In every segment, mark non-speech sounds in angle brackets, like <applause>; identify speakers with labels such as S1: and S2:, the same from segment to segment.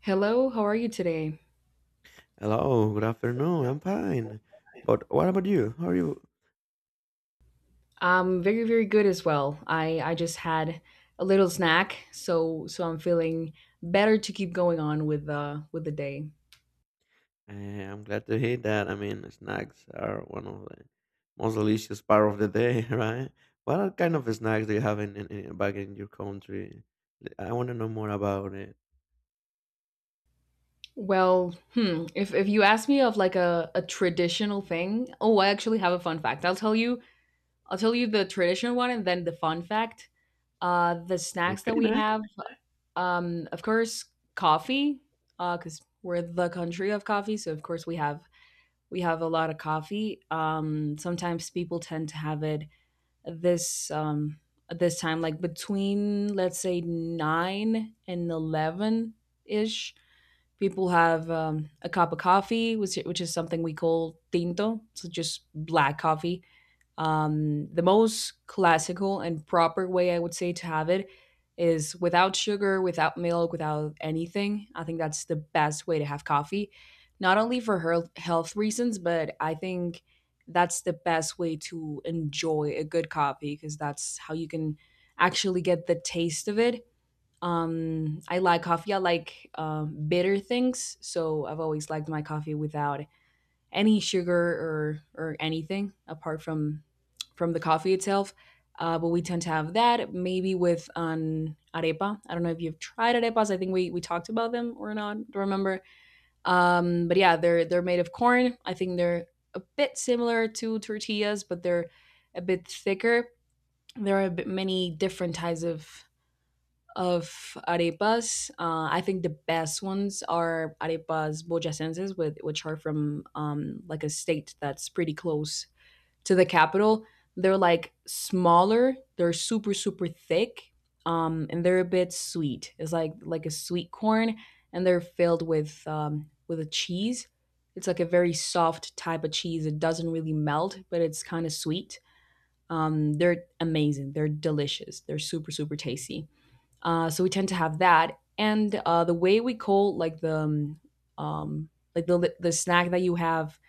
S1: Hello, how are you today?
S2: Hello, good afternoon. I'm fine. But what about you? How are you?
S1: I'm very, very good as well. I just had a little snack, so so I'm feeling better to keep going on with the day.
S2: I'm glad to hear that. I mean, snacks are one of the most delicious part of the day, <laughs> right? What are kind of snacks do you have in back in your country? I want to know more about it.
S1: If you ask me of like a traditional thing, oh, I actually have a fun fact. I'll tell you the traditional one and then the fun fact. The snacks that
S2: Okay,
S1: we
S2: nice.
S1: have, of course, coffee, cuz we're the country of coffee, so of course we have a lot of coffee. Sometimes people tend to have it this at this time, like between let's say 9 and 11 ish. People have a cup of coffee, which is something we call tinto, so just black coffee, the most classical and proper way I would say to have it is without sugar, without milk, without anything. I think that's the best way to have coffee, not only for health reasons, but I think that's the best way to enjoy a good coffee because that's how you can actually get the taste of it. I like coffee. I like bitter things, so I've always liked my coffee without any sugar or anything apart from the coffee itself. But we tend to have that maybe with an arepa. I don't know if you've tried arepas. I think we talked about them or not. Don't remember. But yeah, they're made of corn. I think they're a bit similar to tortillas, but they're a bit thicker. There are a bit many different types of arepas. I think the best ones are arepas boyacenses, with which are from like a state that's pretty close to the capital. They're like smaller. They're super super thick, and they're a bit sweet. It's like a sweet corn, and they're filled with a cheese. It's like a very soft type of cheese. It doesn't really melt, but it's kind of sweet. They're amazing. They're delicious. They're super super tasty. So we tend to have that, and the way we call like the um, like the snack that you have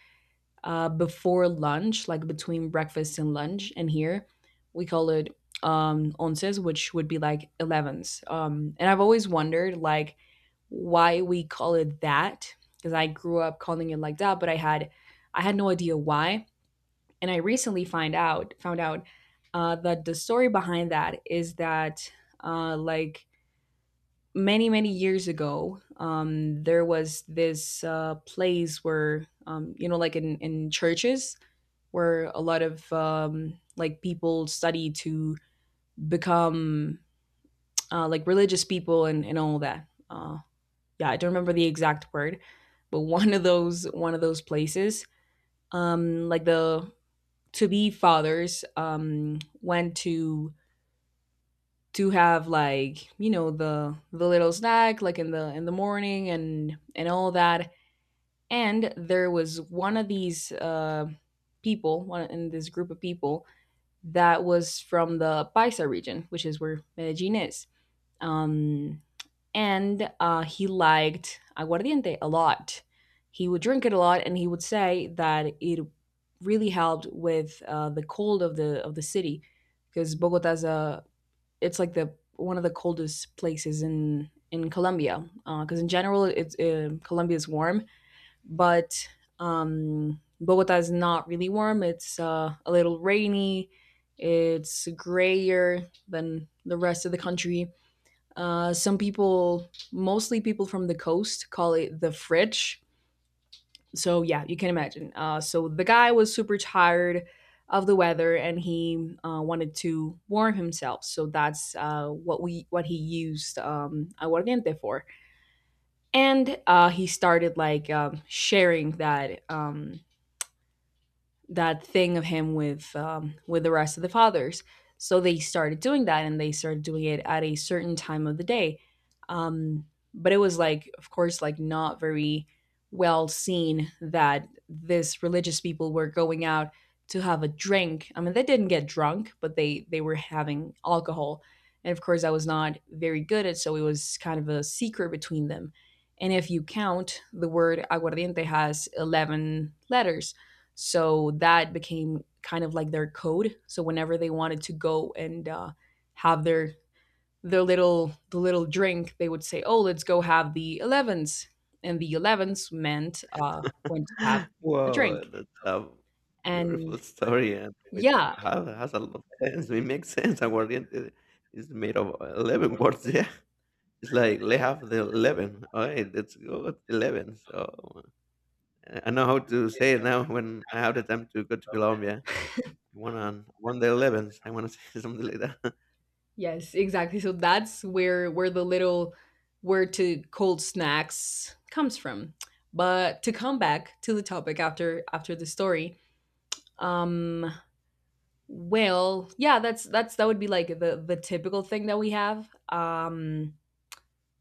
S1: before lunch, like between breakfast and lunch, and here we call it onces, which would be like elevens. And I've always wondered like why we call it that because I grew up calling it like that, but I had no idea why. And I recently find out found out that the story behind that is that like many many years ago there was this place where you know like in churches where a lot of like people study to become like religious people and all that yeah, I don't remember the exact word, but one of those places, like the to be fathers went to have like, you know, the little snack like in the morning and all that. And there was one of these people, one in this group of people, that was from the paisa region, which is where Medellin is. um, and he liked aguardiente a lot. He would drink it a lot, and he would say that it really helped with the cold of the city because Bogota's a, it's like the one of the coldest places in Colombia, because in general it's Colombia is warm, but Bogota is not really warm. It's a little rainy. It's grayer than the rest of the country. Some people, mostly people from the coast, call it the fridge. So yeah, you can imagine. So the guy was super tired of the weather, and he wanted to warm himself. So that's what we what he used aguardiente for. And he started like sharing that that thing of him with the rest of the fathers. So they started doing that, and they started doing it at a certain time of the day. Um, but it was like, of course, like not very well seen that this religious people were going out to have a drink. I mean, they didn't get drunk, but they were having alcohol, and of course, I was not very good at. So it was kind of a secret between them. And if you count, the word aguardiente has 11 letters. So that became kind of like their code. So whenever they wanted to go and have their little the little drink, they would say, "Oh, let's go have the elevens." And the 11s meant when to have
S2: <laughs>
S1: the drink.
S2: Wow, that's a beautiful
S1: And
S2: <laughs> story, and it
S1: yeah,
S2: has a lot of sense. It makes sense. Aguardiente is made of 11 words. <laughs> Yeah, it's like they have the 11. All right, that's good. 11. So, I know how to say it now when I have the time to go to Colombia. I want on one day 11th. I want to <laughs> say something like that.
S1: yes, exactly. So that's where the little where to cold snacks comes from. But to come back to the topic after the story, um, yeah, that's that would be like the typical thing that we have.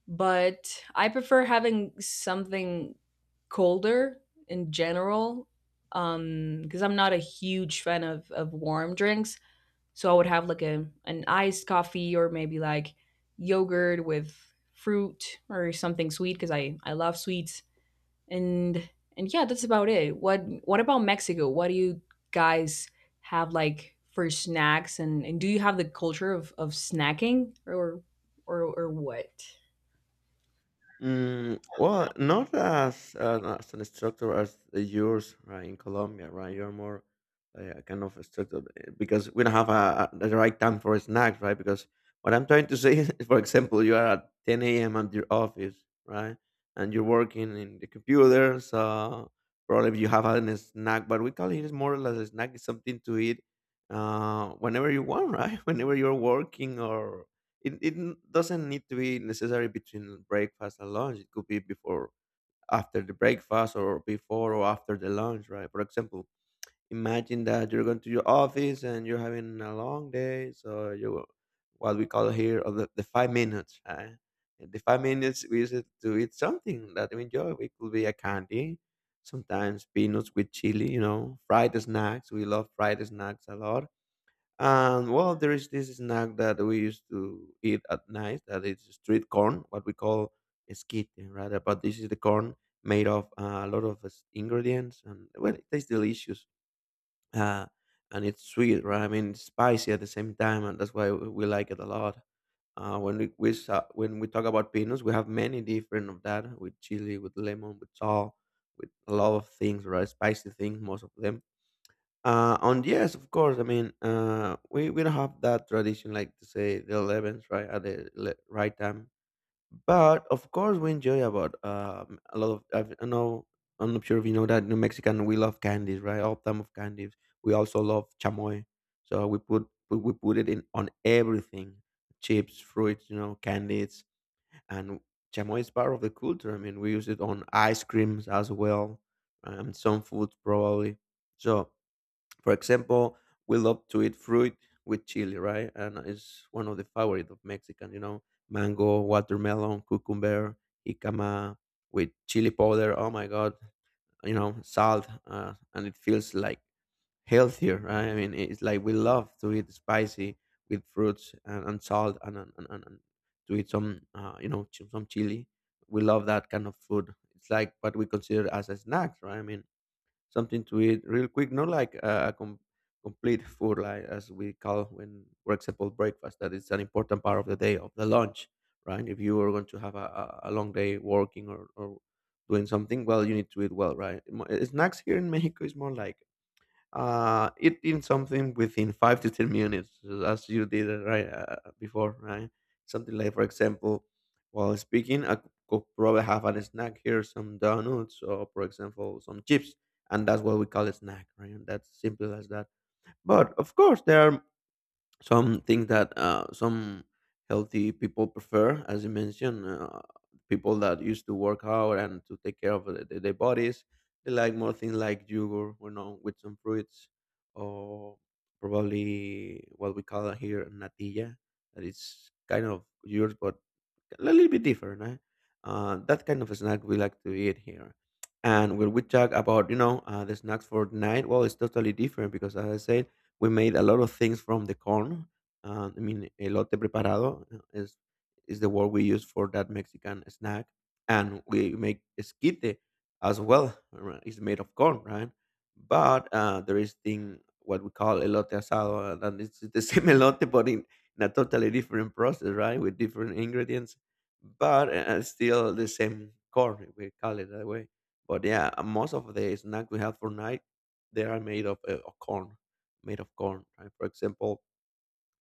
S1: But I prefer having something colder in general because I'm not a huge fan of warm drinks. So I would have like a an iced coffee or maybe like yogurt with fruit or something sweet because I love sweets, and and yeah that's about it. What about Mexico, what do you guys have like for snacks, and do you have the culture of snacking, or what?
S2: Mm, well, not as as an instructor as yours, right? In Colombia, right? You're more like a kind of instructor because we don't have a the right time for snacks, right? Because what I'm trying to <laughs> say is, for example, you are at 10 a.m. at your office, right? And you're working in the computer, so probably you have a snack. But we call it is more or less a snack. It's something to eat whenever you want, right? <laughs> Whenever you're working or it doesn't need to be necessary between breakfast and lunch. It could be before, after the breakfast, or before or after the lunch, right? For example, imagine that you're going to your office and you're having a long day, so you what we call here of the 5 minutes, right? And the 5 minutes we use it to eat something that we enjoy. It could be a candy, sometimes peanuts with chili, you know, fried snacks. We love fried snacks a lot, and well, there is this snack that we used to eat at night that is street corn, what we call skit, rather. But this is the corn made of a lot of ingredients, and well, it tastes delicious. Uh, and it's sweet, right? I mean, it's spicy at the same time, and that's why we like it a lot. When we talk about peanuts, we have many different of that with chili, with lemon, with salt, with a lot of things, right? Spicy things, most of them, and yes, of course. I mean, we don't have that tradition, like to say the 11th, right at right time. But of course, we enjoy about a lot of. I know. I'm not sure if you know that New Mexican we love candies, right? All time of candies. We also love chamoy, so we put it in on everything: chips, fruits, candies, and chamoy is part of the culture. I mean, we use it on ice creams as well, and some foods probably. So, for example, we love to eat fruit with chili, right? And it's one of the favorite of Mexican, mango, watermelon, cucumber, jicama with chili powder. Oh my God, salt. And it feels like healthier, right? I mean, it's like we love to eat spicy with fruits and salt and to eat some, you know, ch- some chili. We love that kind of food. It's like what we consider as a snack, right? I mean, something to eat real quick, not like a complete food, like as we call when, for example, breakfast. That is an important part of the day of the lunch, right? If you are going to have a long day working or doing something, well, you need to eat well, right? Snacks here in <laughs> Mexico is more like eating something within 5 to 10 minutes as you did it right, before, right? Something like, for example, while speaking, I could probably have a snack here, some donuts, or for example some chips. And that's what we call a snack, right? And that's simple as that. But of course, there are some things that, some healthy people prefer, as you mentioned, people that used to work out and to take care of their bodies. They like more things like yogurt, with some fruits, or probably what we call here natilla, that is kind of yogurt, but a little bit different. Eh? That kind of snack we like to eat here. And when we talk about the snacks for night, well, it's totally different because, as I said, we made a lot of things from the corn. I mean, elote preparado is the word we use for that Mexican snack, and we make esquite as well, right? It's made of corn, right? But there is thing what we call elote asado, and it's the same <laughs> elote, but in a totally different process, right? With different ingredients, but still the same corn, if we call it that way. But yeah, most of the snack we have for night, they are made of corn, made of corn, right? For example,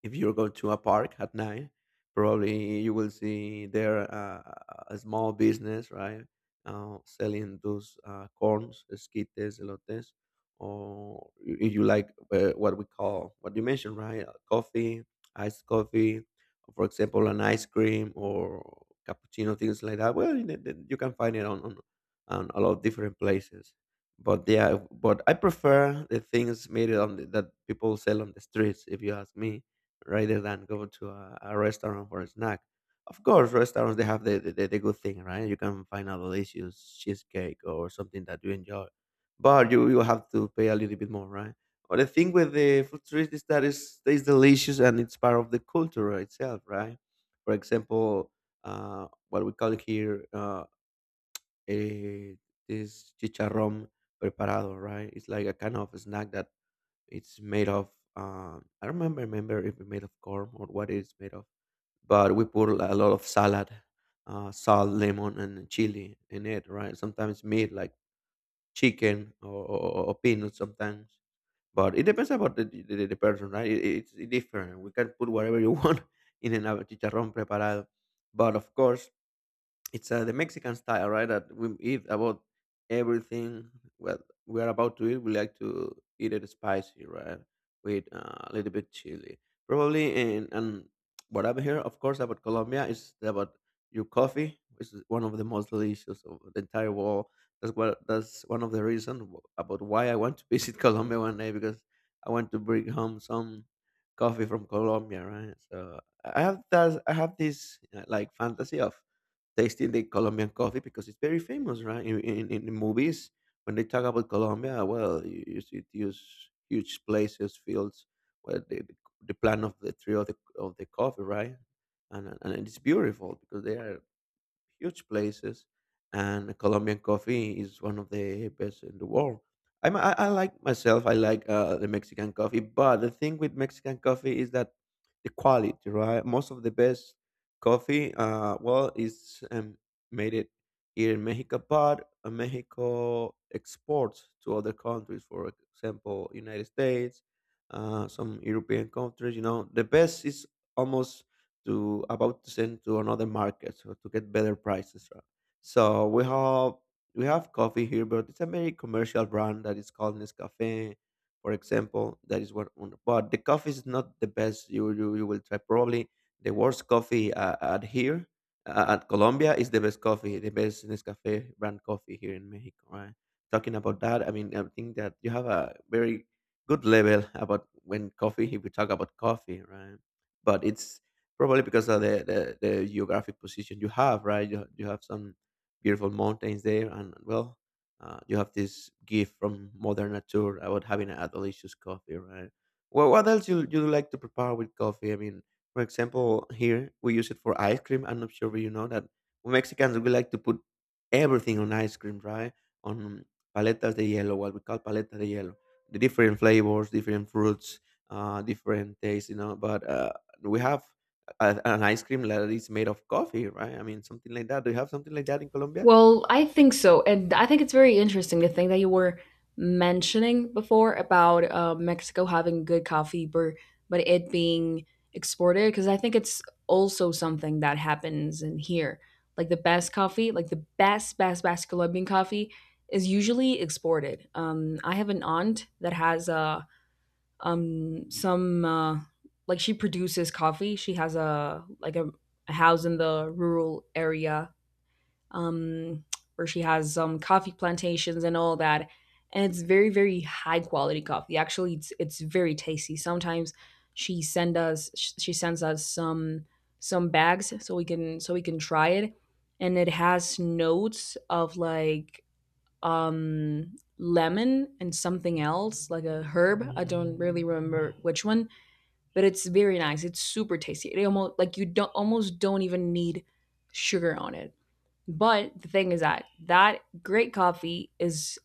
S2: if you go to a park at night, probably you will see there, a small business, right, selling those corns, esquites, elotes, or if you like, what we call what you mentioned, right, coffee, iced coffee, for example, an ice cream or cappuccino, things like that. Well, you can find it on, on a lot of different places. But yeah, but I prefer the things made on that people sell on the streets. If you ask me, rather than go to a restaurant for a snack. Of course, restaurants they have the good thing, right? You can find a delicious cheesecake or something that you enjoy, but you have to pay a little bit more, right? But the thing with the food street is that it's delicious and it's part of the culture itself, right? For example, what we call here, a, this chicharrón preparado, right? It's like a kind of snack that it's made of I don't remember if it's made of corn or what it's made of, but we put a lot of salad, salt, lemon, and chili in it, right? Sometimes meat like chicken or peanuts sometimes, but it depends about the person, right? It's different. We can put whatever you want <laughs> in an chicharrón preparado, but of course it's the Mexican style, right? That we eat about everything. Well, we are about to eat. We like to eat it spicy, right? With a little bit chili, probably. And what I've heard, of course, about Colombia is about your coffee, which is one of the most delicious of the entire world. That's one of the reasons about why I want to visit <laughs> Colombia one day, because I want to bring home some coffee from Colombia, right? So I have that. I have this like fantasy of tasting the Colombian coffee because it's very famous, right? In the movies, when they talk about Colombia, well, you see these huge places, fields, where the plant of the tree of the coffee, right? And it's beautiful because they are huge places, and Colombian coffee is one of the best in the world. I like myself. I like the Mexican coffee, but the thing with Mexican coffee is that the quality, right? Most of the best coffee, well, is made it here in Mexico, but Mexico exports to other countries, for example, United States, some European countries. You know, the best is almost to about to send to another market so to get better prices, right? So we have coffee here, but it's a very commercial brand that is called Nescafe, for example. That is but the coffee is not the best. You will try probably the worst coffee at here, at Colombia is the best coffee, the best Nescafe brand coffee here in Mexico. Right? Talking about that, I mean, I think that you have a very good level about when coffee, if we talk about coffee, right? But it's probably because of the geographic position you have, right? You have some beautiful mountains there, and well, you have this gift from modern nature about having a delicious coffee, right? Well, what else you like to prepare with coffee? I mean, for example, here we use it for ice cream. I'm not sure if you know that we Mexicans we like to put everything on ice cream, right? On paletas de hielo, what we call paleta de hielo, the different flavors, different fruits, different tastes, you know. But we have an ice cream that is made of coffee, right? I mean, something like that. Do you have something like that in Colombia?
S1: Well, I think so. And I think it's very interesting the thing that you were mentioning before about Mexico having good coffee, but it being exported, because I think it's also something that happens in here. Like the best coffee, like the best, best, best Colombian coffee is usually exported. I have an aunt that has some, like she produces coffee. She has like a house in the rural area um, where she has coffee plantations and all that. And it's very, very high quality coffee. Actually, it's very tasty. Sometimes she send us she sends us some bags so we can try it, and it has notes of like lemon and something else like a herb. I don't really remember which one, but it's very nice. It's super tasty. It almost like you don't almost don't even need sugar on it. But the thing is that that great coffee is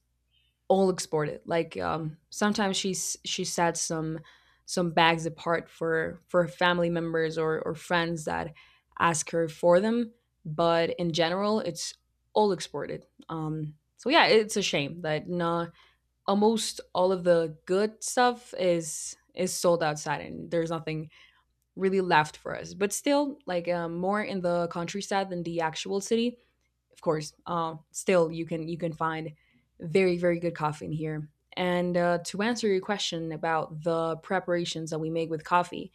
S1: all exported. Like sometimes she sets some bags apart for her family members or friends that ask her for them. But in general, it's all exported. So yeah, it's a shame that not almost all of the good stuff is sold outside and there's nothing really left for us. But still, like more in the countryside than the actual city, of course. Still, you can find very very good coffee in here. And to answer your question about the preparations that we make with coffee,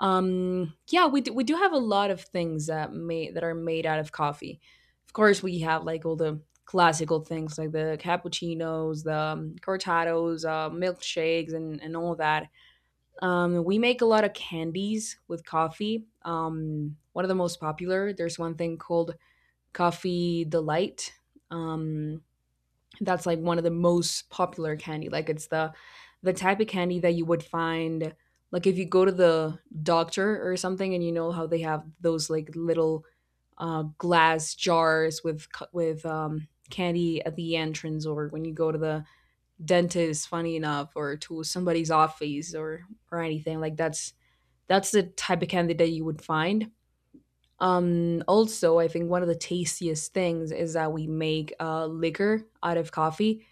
S1: yeah, we do have a lot of things that are made out of coffee. Of course, we have like all the classical things like the cappuccinos, the cortados, milkshakes, and all that. We make a lot of candies with coffee. One of the most popular. There's one thing called Coffee Delight. Um, that's like one of the most popular candy. Like it's the type of candy that you would find like if you go to the doctor or something, and you know how they have those like little glass jars with with candy at the entrance, or when you go to the dentist, funny enough, or to somebody's office or anything like that's the type of candy that you would find. Also, I think one of the tastiest things is that we make liquor out of coffee.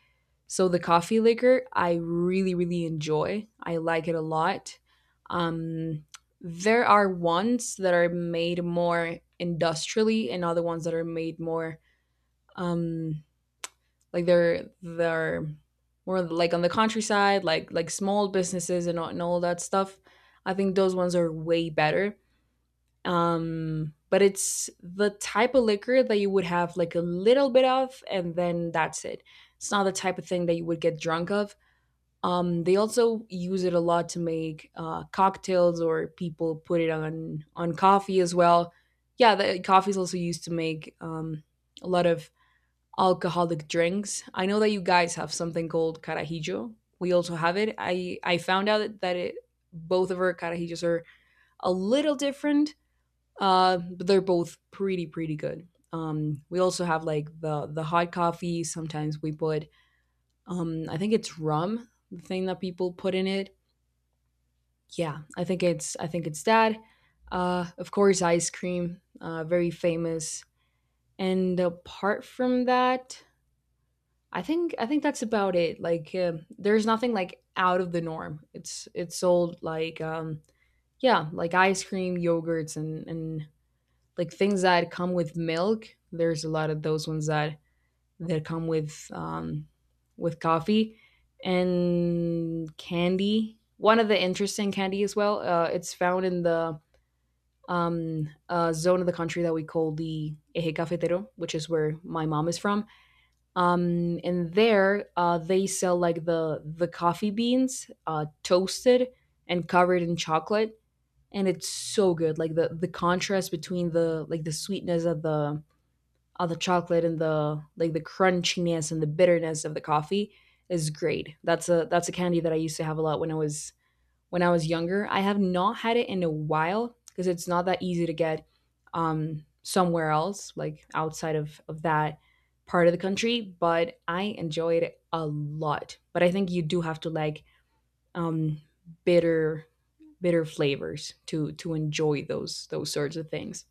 S1: So the coffee liquor, I really, really enjoy. I like it a lot. Um, there are ones that are made more industrially, and other ones that are made more um, like they're more like on the countryside, like small businesses and all that stuff. I think those ones are way better, but it's the type of liquor that you would have like a little bit of, and then that's it. It's not the type of thing that you would get drunk of. They also use it a lot to make cocktails, or people put it on coffee as well. Yeah, the coffee is also used to make a lot of alcoholic drinks. I know that you guys have something called carajillo. We also have it. I found out that it both of our carajillos are a little different. But they're both pretty pretty good. We also have like the hot coffee. Sometimes we put I think it's rum, the thing that people put in it. Yeah, I think it's that. Of course, ice cream, very famous. And apart from that, I think that's about it. Like there's nothing like out of the norm. It's sold like yeah, like ice cream, yogurts, and like things that come with milk. There's a lot of those ones that come with coffee and candy. One of the interesting candy as well. It's found in the zone of the country that we call the Eje Cafetero, which is where my mom is from. And there, they sell like the coffee beans, toasted and covered in chocolate, and it's so good. Like the contrast between the like the sweetness of the chocolate and the like the crunchiness and the bitterness of the coffee is great. That's a candy that I used to have a lot when I was younger. I have not had it in a while because it's not that easy to get somewhere else, like outside of that part of the country. But I enjoyed it a lot. But I think you do have to like um, bitter bitter flavors to enjoy those sorts of things.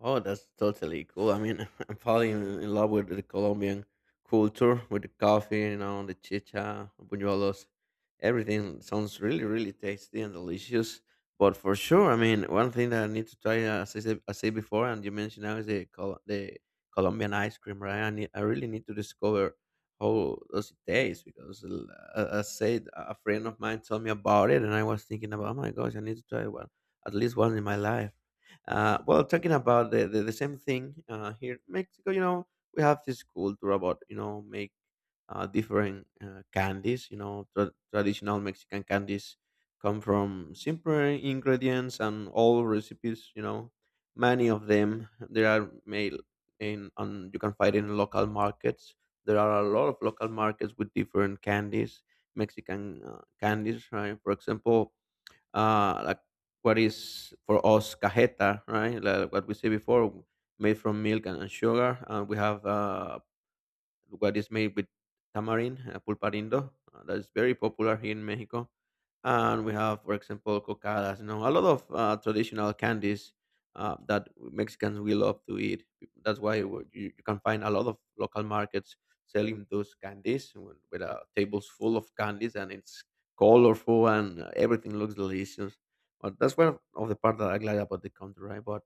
S2: Oh, that's totally cool. I mean, <laughs> I'm falling in love with the Colombian culture, with the coffee, you know, the chicha, buñuelos. Everything sounds really, really tasty and delicious. But for sure, I mean, one thing that I need to try, as I said before, and you mentioned now, is the the Colombian ice cream, right? I really need to discover how does it taste because, as I said, a friend of mine told me about it, and I was thinking about, oh my gosh, I need to try one, at least one in my life. Well, talking about the same thing here in Mexico, you know, we have this culture about, you know, make different candies. You know, traditional Mexican candies come from simple ingredients and all recipes. You know, many of them there are made in on you can find in local markets. There are a lot of local markets with different candies, Mexican candies, right? For example, like what is for us cajeta, right? Like what we said before, made from milk and sugar. And we have what is made with tamarind, pulparindo, that is very popular here in Mexico. And we have, for example, cocadas, you know, a lot of traditional candies that Mexicans will love to eat. That's why you can find a lot of local markets selling those candies with a tables full of candies and it's colorful and everything looks delicious. But that's one of the part that I like about the country, right? But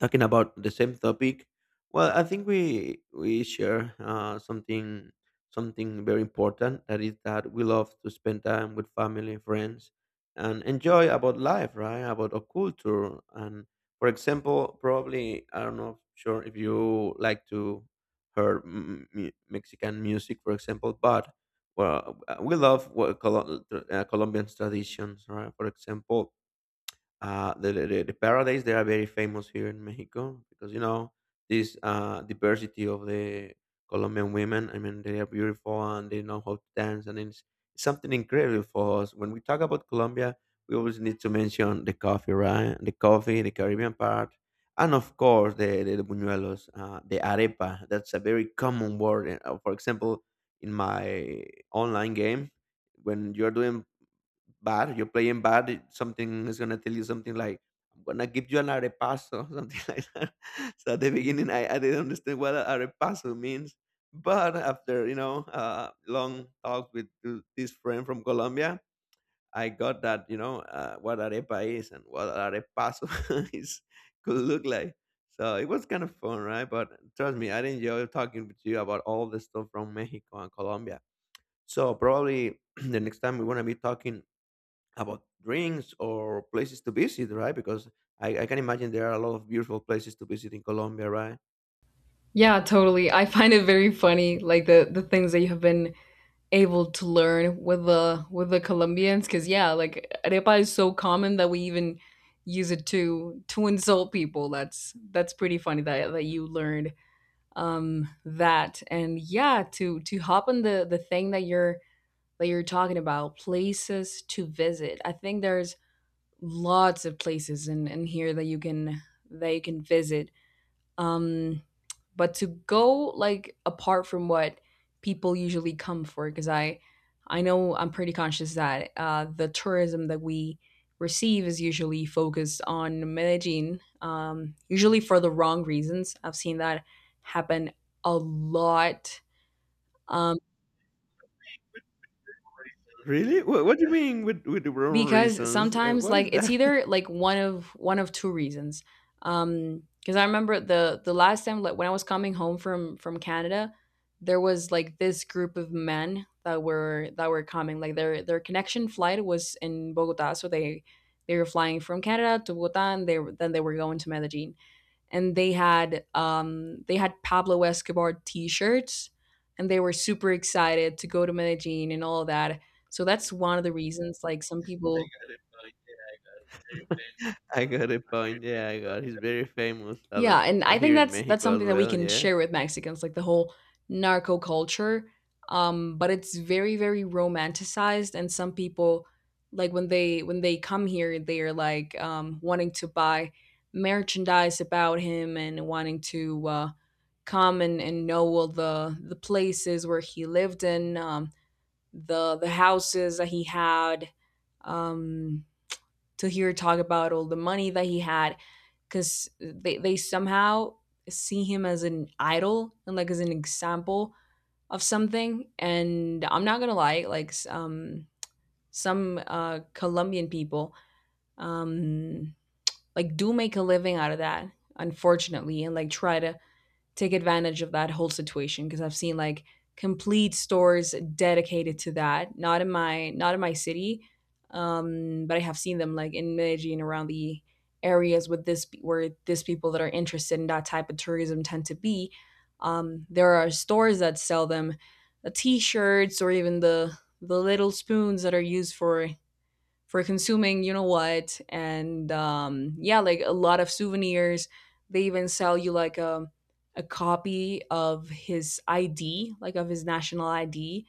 S2: talking about the same topic, well, I think we share something, something very important that is that we love to spend time with family friends and enjoy about life, right, about our culture. And for example, probably, I don't know sure if you like to hear Mexican music for example. But we love what Colombian traditions, right? For example, the paradise, they are very famous here in Mexico because, you know, this diversity of the Colombian women. I mean, they are beautiful and they know how to dance, and it's something incredible for us. When we talk about Colombia, we always need to mention the coffee, right? The coffee, the Caribbean part, and of course the buñuelos, the arepa. That's a very common word. For example, in my online game, when you're doing bad. You're playing bad. Something is gonna tell you something like, "I'm gonna give you an arepaso," <laughs> something like that. So at the beginning, I didn't understand what a arepaso means. But after, you know, long talk with this friend from Colombia, I got that, you know, what arepa is and what arepaso <laughs> is could look like. So it was kind of fun, right? But trust me, I enjoy talking with you about all the stuff from Mexico and Colombia. So probably <clears throat> the next time we're gonna be talking about drinks or places to visit, right? Because I can imagine there are a lot of beautiful places to visit in Colombia, right?
S1: Yeah, totally. I find it very funny, like the things that you have been able to learn with the Colombians, because yeah, like arepa is so common that we even use it to insult people. That's pretty funny that you learned that. And yeah, to hop on the thing that you're talking about places to visit, I think there's lots of places in here that you can visit. um, but to go like apart from what people usually come for, because I know I'm pretty conscious that the tourism that we receive is usually focused on Medellin, usually for the wrong reasons. I've seen that happen a lot. Um,
S2: Really? What do you mean with the wrong
S1: because
S2: reasons?
S1: sometimes
S2: What
S1: like
S2: is
S1: it's
S2: that?
S1: either like one of two reasons. Because I remember the last time, like when I was coming home from Canada, there was like this group of men that were coming, like their connection flight was in Bogota, so they were flying from Canada to Bogota, and they were going to Medellin, and they had Pablo Escobar T-shirts, and they were super excited to go to Medellin and all that. So that's one of the reasons. Like some people,
S2: <laughs> I got a point. Yeah, I got. He's very famous at the
S1: yeah,
S2: time.
S1: and I think
S2: Here in
S1: that's
S2: Mexico as
S1: something that we
S2: well.
S1: can
S2: Yeah.
S1: share with Mexicans, like the whole narco culture. But it's very romanticized, and some people like when they come here, they are like wanting to buy merchandise about him and wanting to come and know all the places where he lived in, the houses that he had, um, to hear talk about all the money that he had, because they somehow see him as an idol and like as an example of something. And I'm not gonna lie, like some Colombian people, um, like do make a living out of that, unfortunately, and like try to take advantage of that whole situation, because I've seen like complete stores dedicated to that. Not in my city, but I have seen them like in Medellin and around the areas with this, where this people that are interested in that type of tourism tend to be. There are stores that sell them the t-shirts, or even the little spoons that are used for consuming, you know what. And yeah, like a lot of souvenirs. They even sell you like a copy of his ID, like of his national ID.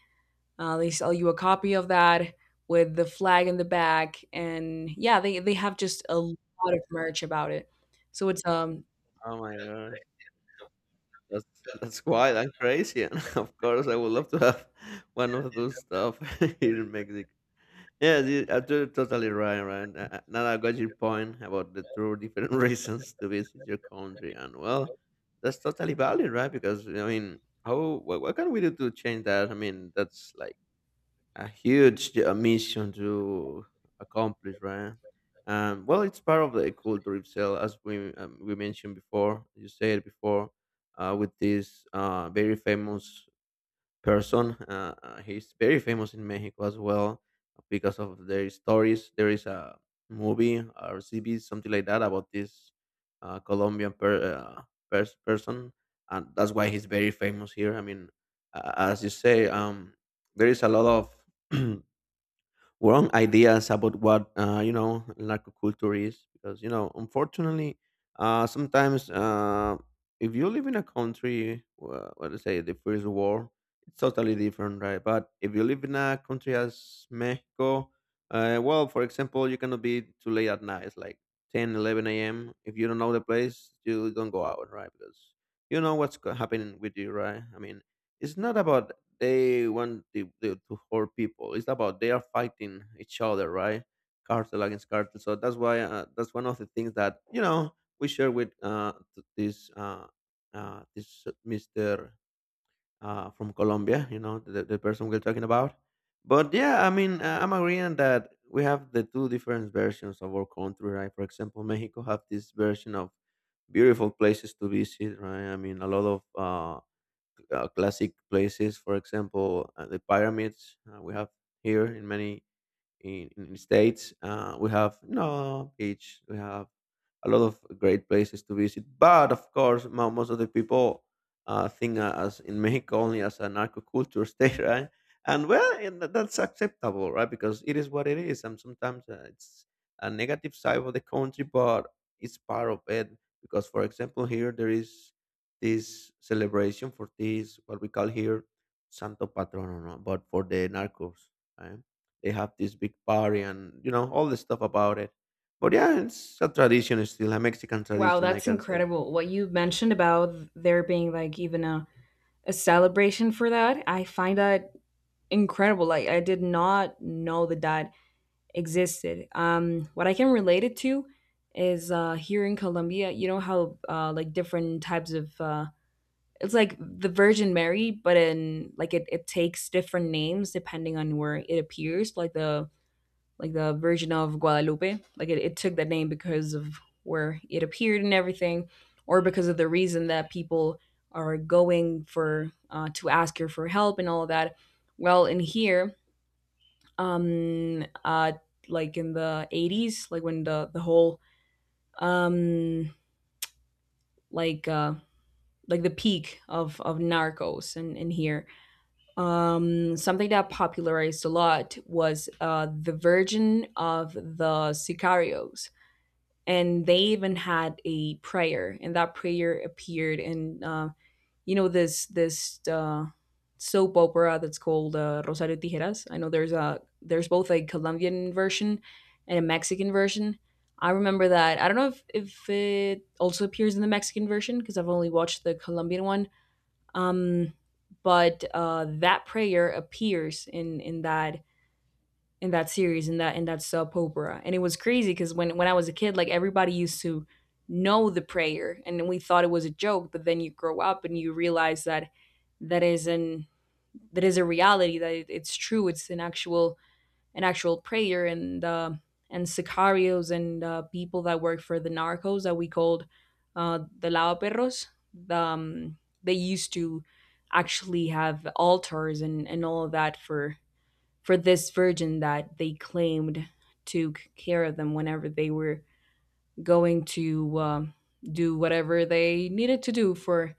S1: They sell you a copy of that with the flag in the back. And yeah, they have just a lot of merch about it, so it's
S2: Oh my gosh, that's that's wild and crazy. And <laughs> of course, I would love to have <laughs> one of those stuff <laughs> here in Mexico. Yeah, you're totally right, right? Now I got your point about the two different <laughs> reasons to visit your country, and well, that's totally valid, right? Because I mean, how what can we do to change that? I mean, that's like a huge mission to accomplish, right? Well, it's part of the culture itself, as we mentioned before. You said before, with this very famous person. He's very famous in Mexico as well because of their stories. There is a movie or series, something like that, about this uh, Colombian per, uh, person, and that's why he's very famous here. I mean, as you say, there is a lot of <clears throat> wrong ideas about what, you know, narcoculture is, because, you know, unfortunately, sometimes, if you live in a country, what to say, the first world, it's totally different, right? But if you live in a country as Mexico, well, for example, you cannot be too late at night. It's like 10, 11 a.m., if you don't know the place you don't go out, right? Because you know what's happening with you, right? I mean, it's not about they want to hurt people. It's about they are fighting each other, right? Cartel against cartel. So that's why, that's one of the things that, you know, we share with this, this Mister from Colombia. You know the person we're talking about. But yeah, I mean, I'm agreeing that we have the two different versions of our country, right? For example, Mexico have this version of beautiful places to visit, right? I mean, a lot of classic places. For example, the pyramids we have here in many in states. We have no beach. We have a lot of great places to visit. But of course, most of the people think as in Mexico only as an narco culture <laughs> state, right? And well, and that's acceptable, right? Because it is what it is, and sometimes it's a negative side of the country, but it's part of it. Because, for example, here there is this celebration for this, what we call here Santo Patrono, no? But for the narcos, right? They have this big party and you know all the stuff about it. But yeah, it's a tradition, it's still a Mexican
S1: wow,
S2: tradition, I
S1: that's
S2: can say.
S1: incredible. What you mentioned about there being like even a celebration for that, I find that incredible. Like, I did not know that that existed. What I can relate it to is here in Colombia, you know how like different types of it's like the Virgin Mary, but in like it takes different names depending on where it appears. Like the Virgin of Guadalupe, like it took that name because of where it appeared and everything, or because of the reason that people are going for to ask her for help and all of that. Well, in here, um uh like in the 80s, like when the whole um like uh like the peak of narcos in here, something that popularized a lot was the virgin of the sicarios, and they even had a prayer, and that prayer appeared in you know this soap opera that's called Rosario Tijeras. I know there's a there's both a Colombian version and a Mexican version. I remember that. I don't know if it also appears in the Mexican version because I've only watched the Colombian one. Um, but that prayer appears in that series, in that soap opera, and it was crazy because when I was a kid, like everybody used to know the prayer, and we thought it was a joke, but then you grow up and you realize that that is an that is a reality, that it, it's true, it's an actual prayer. And and sicarios and people that work for the narcos that we called the lao perros, the, they used to actually have altars and all of that for this virgin that they claimed took care of them whenever they were going to do whatever they needed to do for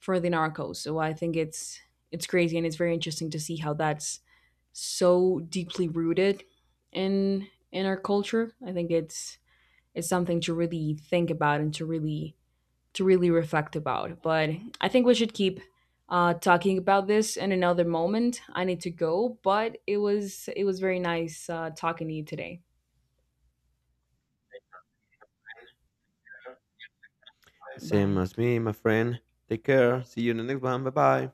S1: the narcos. So I think it's crazy, and it's very interesting to see how that's so deeply rooted in our culture. I think it's something to really think about, and to really reflect about. But I think we should keep talking about this in another moment. I need to go, but it was very nice talking to you today.
S2: Same
S1: Bye.
S2: as me, my friend. Take care. See you in the next one. Bye bye.